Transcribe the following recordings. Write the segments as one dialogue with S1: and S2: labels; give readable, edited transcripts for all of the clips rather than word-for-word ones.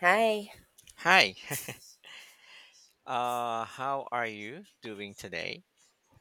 S1: Hi,
S2: Hi. How are you doing today?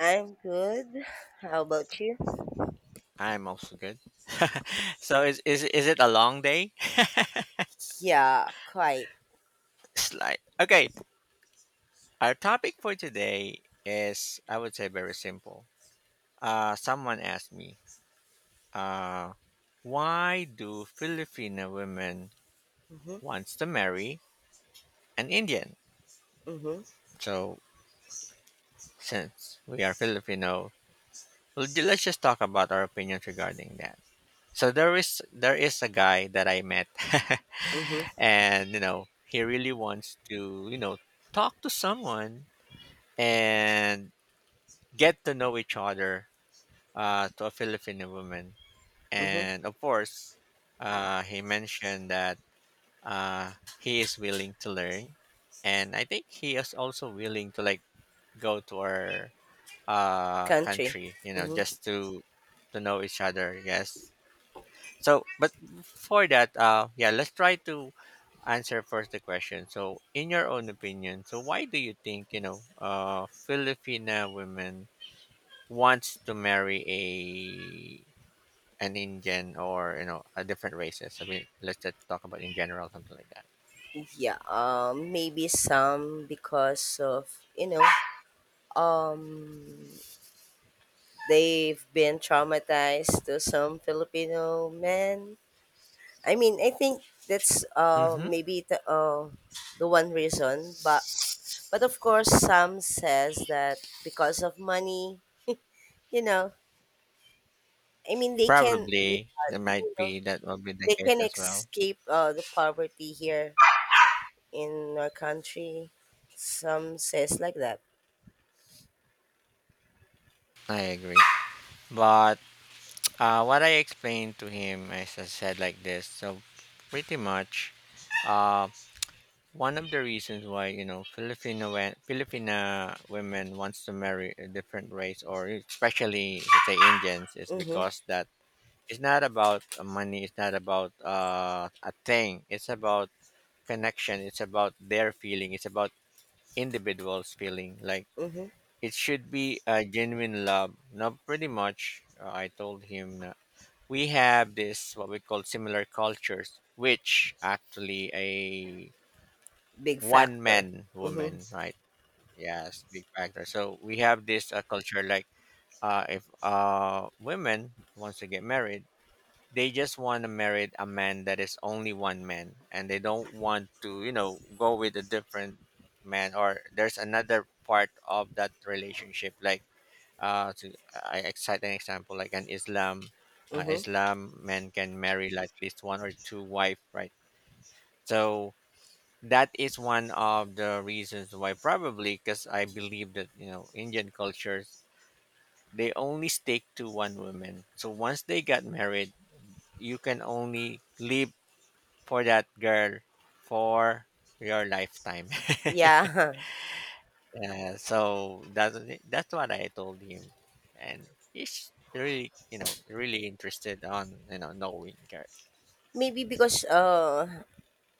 S1: I'm good. How about you?
S2: I'm also good. So is it a long day?
S1: Yeah, quite.
S2: It's like okay. Our topic for today is I would say very simple. Someone asked me, uh, why do Filipino women
S1: Mhm,
S2: wants to marry an Indian?
S1: mhm,
S2: So since we are Filipino, let's just talk about our opinions regarding that. So there is a guy that I met,
S1: mhm,
S2: and he really wants to talk to someone and get to know each other to a Filipino woman.
S1: mhm.
S2: And of course, he mentioned that he is willing to learn, and I think he is also willing to like go to our
S1: Country.
S2: country, you know,
S1: Mhm.
S2: just to know each other. Yes. So, but for that, yeah, let's try to answer first the question. So, in your own opinion, so why do you think Filipina women wants to marry a an Indian or a different races? I mean, let's just talk about in general something like that.
S1: Yeah. Maybe some because of you know. Um, they've been traumatized to some Filipino men. I mean, I think that's
S2: Mm-hmm.
S1: maybe the one reason. But of course, some says that because of money, you know, I mean, they can, yeah,
S2: Probably there might
S1: you know,
S2: be that will be the
S1: they
S2: case
S1: can
S2: as well.
S1: escape the poverty here in our country. Some says like that.
S2: I agree. But what I explained to him, as I said, like this. So pretty much, uh, One of the reasons why Filipina women wants to marry a different race or especially say Indians is
S1: Mm-hmm.
S2: because that it's not about money, it's not about a thing, it's about connection, it's about their feeling, it's about individuals feeling like
S1: Mm-hmm.
S2: it should be a genuine love. Now, pretty much, I told him that we have this what we call similar cultures, which actually a
S1: Big
S2: one
S1: factor.
S2: man
S1: Mm-hmm.
S2: woman, right? Yes, big factor. So we have this culture like if women wants to get married, they just want to marry a man that is only one man, and they don't want to, you know, go with a different man or there's another part of that relationship. Like to I cite an example like an Islam,
S1: Mm-hmm.
S2: Islam men can marry like at least one or two wife, right? So that is one of the reasons why probably because I believe that Indian cultures they only stick to one woman. So once they got married, you can only live for that girl for your lifetime.
S1: Yeah.
S2: Yeah, so that's what I told him. And he's really, really interested on, knowing girls.
S1: Maybe because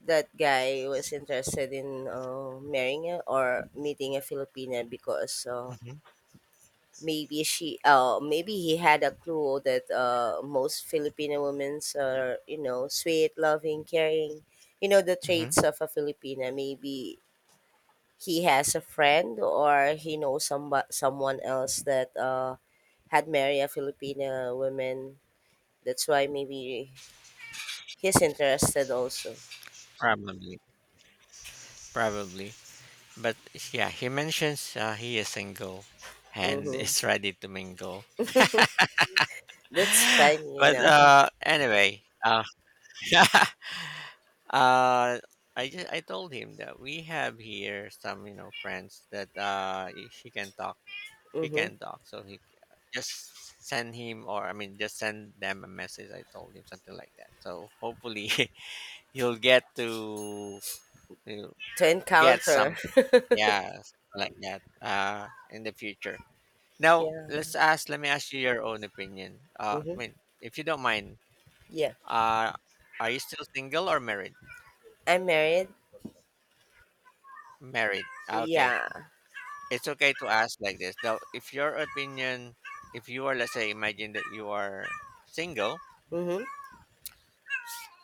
S1: that guy was interested in marrying a, or meeting a Filipina because
S2: Hmm.
S1: maybe she maybe he had a clue that most Filipino women are, you know, sweet, loving, caring, you know, the
S2: Hmm.
S1: traits of a Filipina. Maybe he has a friend or he knows someone else that had married a Filipina woman. That's why maybe he's interested also.
S2: Probably. Probably. But yeah, he mentions he is single and
S1: Mm-hmm.
S2: is ready to mingle.
S1: That's fun, you
S2: But
S1: know.
S2: anyway, I told him that we have here some friends that he can talk. He
S1: Mm-hmm.
S2: can talk, so he just send him, or I mean just send them a message. I told him something like that. So hopefully he'll get to, you know,
S1: To
S2: get some,
S1: encounter.
S2: yeah, like that in the future. Now,
S1: Yeah.
S2: let's ask, let me ask you your own opinion. I mean,
S1: Mm-hmm.
S2: if you don't mind,
S1: Yeah,
S2: uh, are you still single or married?
S1: I'm married.
S2: Married. Ah, okay.
S1: Yeah.
S2: It's okay to ask like this. Now, if your opinion, if you are, let's say, imagine that you are single,
S1: Mm-hmm.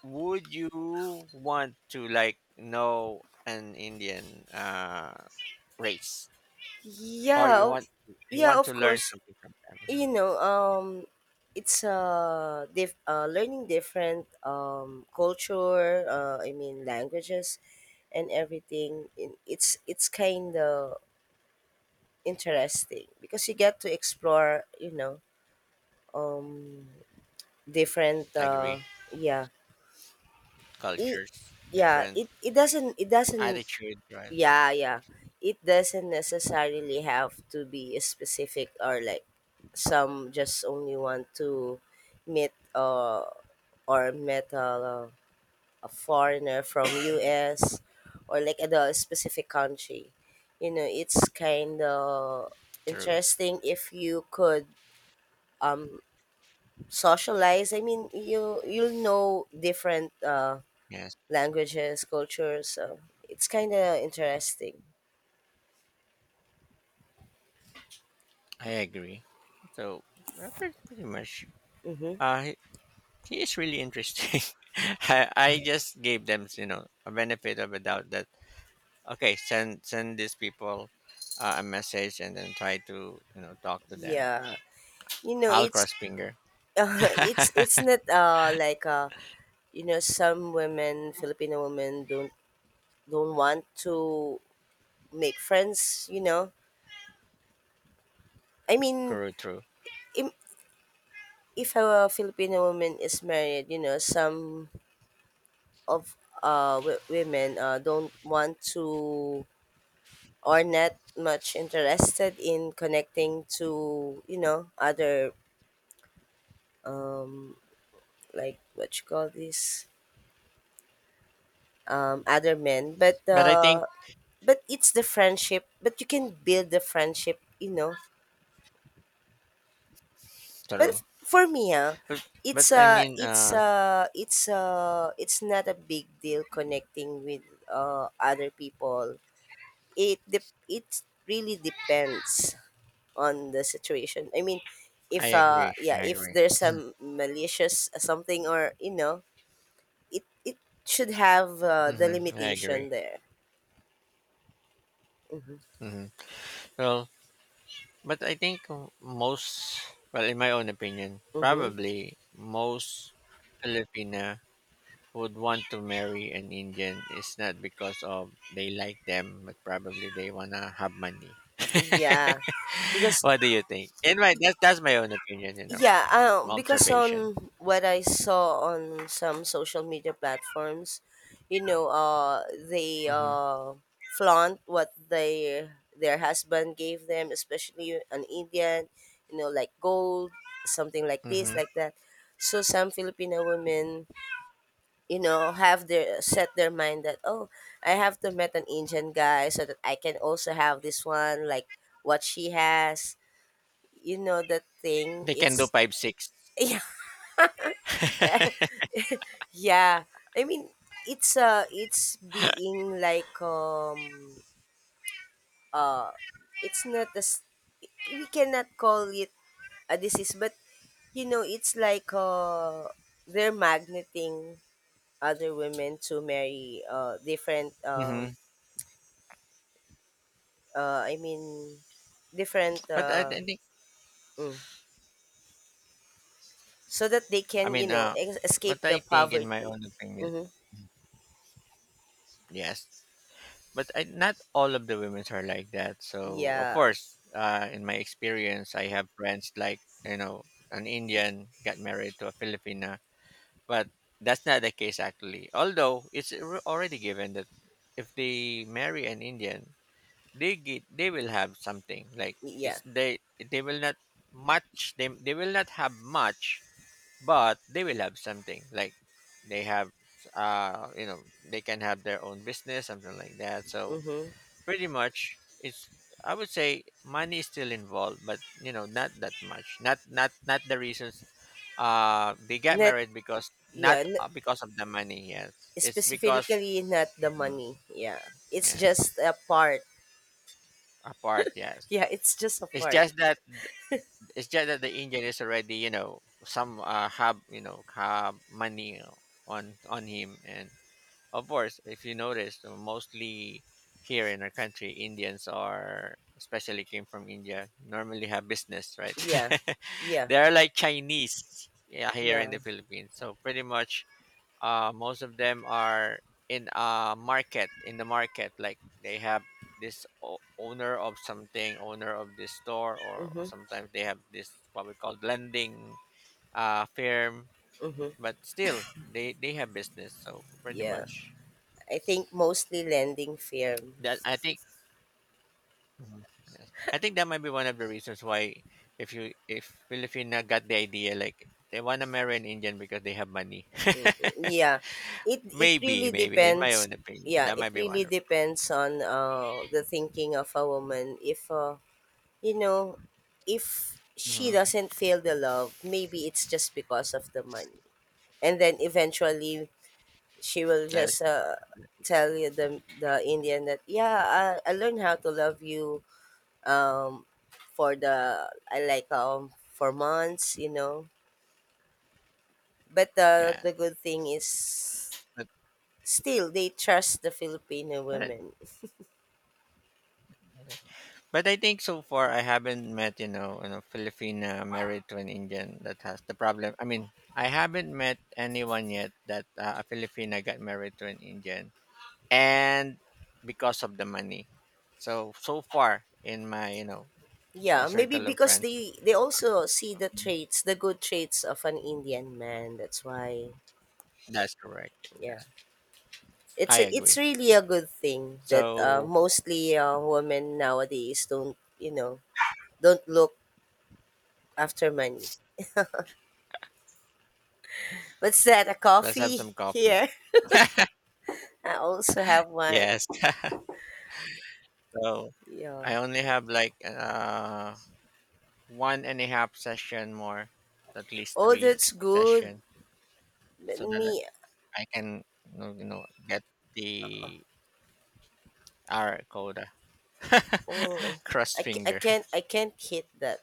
S2: would you want to like know an Indian, race, or
S1: Yeah, o-
S2: you
S1: yeah,
S2: want to
S1: of
S2: learn
S1: course.
S2: something from them? Mhm.
S1: You know, it's learning different culture. I mean, languages and everything. It's kind of interesting because you get to explore. You know, um, different.
S2: Agree.
S1: Yeah, it,
S2: Cultures,
S1: yeah.
S2: different
S1: It doesn't.
S2: attitude, right?
S1: Yeah, yeah. It doesn't necessarily have to be specific, or like some just only want to meet or meet a foreigner from US or like at a specific country. You know, it's kind of
S2: True.
S1: interesting if you could um socialize. I mean, you'll know different
S2: Yes.
S1: languages, cultures. So it's kind of interesting.
S2: I agree. So, Robert, pretty much,
S1: Mm-hmm.
S2: uh, he he is really interesting. I just gave them, you know, a benefit of a doubt that okay, send these people a message and then try to talk to them.
S1: Yeah. You know,
S2: I'll
S1: it's
S2: cross finger.
S1: it's not like you know some women, Filipino women don't want to make friends. You know, I mean,
S2: True, true.
S1: im- if a Filipino woman is married, you know, some of women don't want to, or not much interested in, connecting to, you know, other um like what you call this, other men. but
S2: But I think
S1: uh but it's the friendship, but you can build the friendship, you know.
S2: true.
S1: For me,
S2: But
S1: it's
S2: I
S1: a
S2: mean,
S1: it's not a big deal connecting with other people. It really depends on the situation. I mean,
S2: I
S1: if
S2: agree.
S1: yeah,
S2: I
S1: if
S2: agree.
S1: there's some malicious something, or you know, it should have the
S2: Hmm. I agree.
S1: limitation there. Mm-hmm.
S2: Mm-hmm. Well, but I think most, well, in my own opinion,
S1: Mm-hmm.
S2: probably most Filipina would want to marry an Indian is not because of they like them, but probably they wanna have money.
S1: Yeah, because,
S2: What do you think? In my that's my own opinion, you know,
S1: yeah, because
S2: observation.
S1: on what I saw on some social media platforms, you know, they,
S2: Mm-hmm.
S1: flaunt what they their husband gave them, especially an Indian, you know, like gold, something like this,
S2: Mm-hmm.
S1: like that. So some Filipino women, you know, have their, set their mind that, oh, I have to meet an Indian guy so that I can also have this one, like what she has, you know, that thing.
S2: They can do
S1: It's
S2: 5-6.
S1: yeah. Yeah, I mean, it's being like uh it's not as, we cannot call it a disease, but you know it's like, they're magneting other women to marry different,
S2: Mm-hmm.
S1: I mean different,
S2: But I think,
S1: mm, so that they
S2: I
S1: can, you
S2: mean,
S1: know, escape
S2: but I
S1: the
S2: think in my
S1: poverty.
S2: own opinion,
S1: Mm-hmm.
S2: yes, but I, not all of the women are like that. So of
S1: Yeah,
S2: course, in my experience, I have friends like, an Indian got married to a Filipina, but that's not the case actually. Although it's already given that if they marry an Indian, they will have something like
S1: yeah.
S2: it's they will not much they will not have much, but they will have something like they have they can have their own business, something like that. So
S1: Mm-hmm.
S2: pretty much, it's. I would say money is still involved, but, not that much. Not the reasons. They got
S1: Not,
S2: married because not,
S1: yeah.
S2: because of the money. Yes, it's because.
S1: Specifically not the
S2: Mhm.
S1: money, yeah. It's
S2: Yes,
S1: just a part.
S2: apart. Yes,
S1: Yeah, it's just a
S2: it's
S1: part.
S2: just that it's just that the Indian is already, some have, have money on him, and of course, if you notice, mostly here in our country, Indians are, especially came from India, normally have business, right?
S1: Yeah. Yeah,
S2: They are like Chinese, yeah, here in
S1: yeah.
S2: the Philippines. So pretty much, most of them are in a market, in the market, like they have this owner of something, owner of this store, or,
S1: Mhm,
S2: sometimes they have this what we call lending firm.
S1: mhm.
S2: But still, they have business. So pretty
S1: Yeah.
S2: much.
S1: I think mostly lending
S2: That
S1: firms.
S2: I think. Mhm. Yes. I think that might be one of the reasons why if Filipina got the idea like they want to marry an Indian because they have money.
S1: Yeah. It
S2: maybe,
S1: really
S2: maybe in my
S1: depends.
S2: own opinion,
S1: Yeah,
S2: that
S1: it
S2: might be one
S1: really
S2: of.
S1: depends on the thinking of a woman. If You know, if she
S2: Hmm.
S1: doesn't feel the love, maybe it's just because of the money. And then eventually she will
S2: There's.
S1: just tell you, the Indian, that yeah, I learned how to love you, um for the, I like for months, you know. But
S2: Yeah,
S1: the good thing is,
S2: but
S1: still they trust the Filipino
S2: but I-
S1: women.
S2: I think so far I haven't met, Filipina married to an Indian that has the problem. I mean, I haven't met anyone yet that a Filipina got married to an Indian and because of the money. So, so far in my, a
S1: Yeah, maybe
S2: circle of
S1: because
S2: friends,
S1: they also see the traits, the good traits of an Indian man. That's why
S2: that's correct.
S1: yeah,
S2: I
S1: it's a, it's
S2: agree.
S1: really a good thing that,
S2: So
S1: mostly women nowadays don't, you know, don't look after money. What's that? A
S2: let's have
S1: coffee
S2: some coffee.
S1: here? I also have one.
S2: Yes. So
S1: Yeah.
S2: I only have like one and a half session more, at least
S1: Oh,
S2: three
S1: that's good.
S2: session,
S1: But
S2: so that
S1: me,
S2: I can, get the R quota.
S1: oh,
S2: Cross finger.
S1: I can't hit that.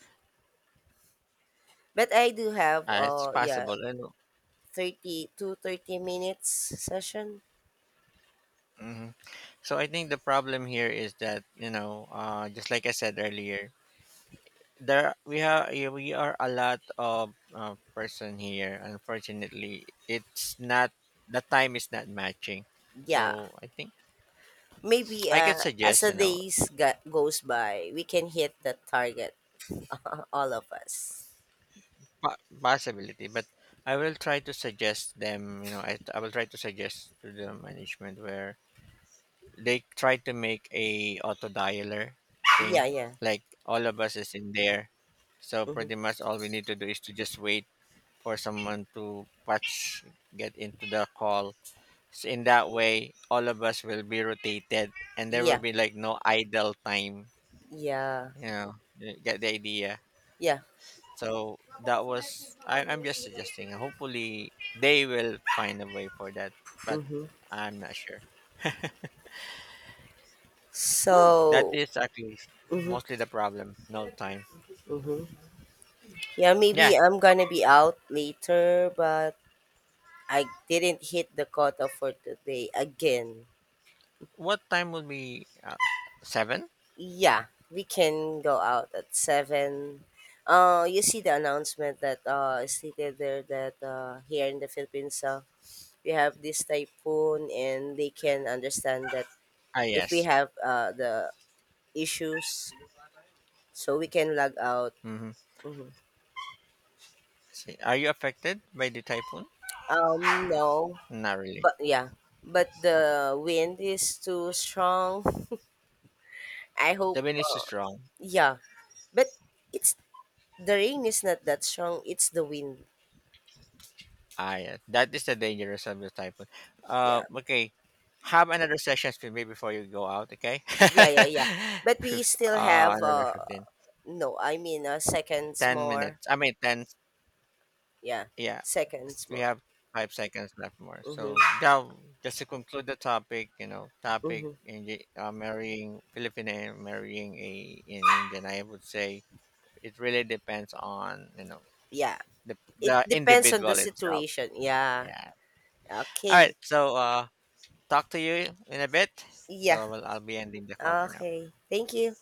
S1: But I do have
S2: It's
S1: yeah,
S2: possible. I know.
S1: 30 to 30 minutes session.
S2: Mhm. So I think the problem here is that, just like I said earlier, there we have we are a lot of person here. Unfortunately, it's not, the time is not matching.
S1: Yeah.
S2: So I think
S1: Maybe
S2: I can
S1: as
S2: suggest,
S1: the goes by, we can hit the target. All of us.
S2: possibility, but I will try to suggest them. You know, I will try to suggest to the management where they try to make a auto dialer thing,
S1: Yeah, yeah.
S2: like all of us is in there. So
S1: Hmm.
S2: pretty much all we need to do is to just wait for someone to patch get into the call. So in that way, all of us will be rotated, and there will
S1: Yeah,
S2: be like no idle time.
S1: yeah,
S2: You know, you get the idea.
S1: yeah.
S2: So that was, I'm just suggesting. Hopefully, they will find a way for that, but
S1: Hmm.
S2: I'm not sure. Oh, that
S1: So,
S2: is actually
S1: hmm,
S2: mostly the problem. No time.
S1: hmm. Yeah,
S2: Yeah.
S1: maybe I'm gonna be out later, but I didn't hit the quota for today again.
S2: What time will be, seven?
S1: Yeah, we can go out at 7. You see the announcement that is stated there, that here in the Philippines, we have this typhoon, and they can understand that
S2: Ah,
S1: if we
S2: yes.
S1: have the issues, so we can log out.
S2: Mm-hmm.
S1: Mhm.
S2: See, are you affected by the typhoon?
S1: No,
S2: Not really.
S1: but yeah, but the wind is too strong. I hope,
S2: The wind is strong.
S1: yeah, but it's, the rain is not that strong. It's the wind.
S2: Ah, yeah. That is the dangerous of the typhoon. Uh,
S1: Yeah,
S2: okay. Have another sessions with me before you go out, okay?
S1: yeah, yeah, yeah. But we
S2: Fif-
S1: still
S2: uh,
S1: have
S2: another 15.
S1: no, I mean, seconds
S2: 10
S1: more.
S2: minutes. I mean, 10.
S1: Yeah,
S2: Yeah.
S1: seconds
S2: We
S1: more.
S2: have 5 seconds left more. So,
S1: Mhm,
S2: now, just to conclude the topic, topic
S1: mhm.
S2: in the, marrying Filipino, marrying a in Indian, I would say it really depends on, you know,
S1: Yeah,
S2: the,
S1: it
S2: the
S1: depends on the
S2: individual itself.
S1: situation. Yeah.
S2: Yeah. All right.
S1: Okay.
S2: So, talk to you in a bit.
S1: Yeah.
S2: So, well, I'll be ending the call for now.
S1: Okay. Thank you.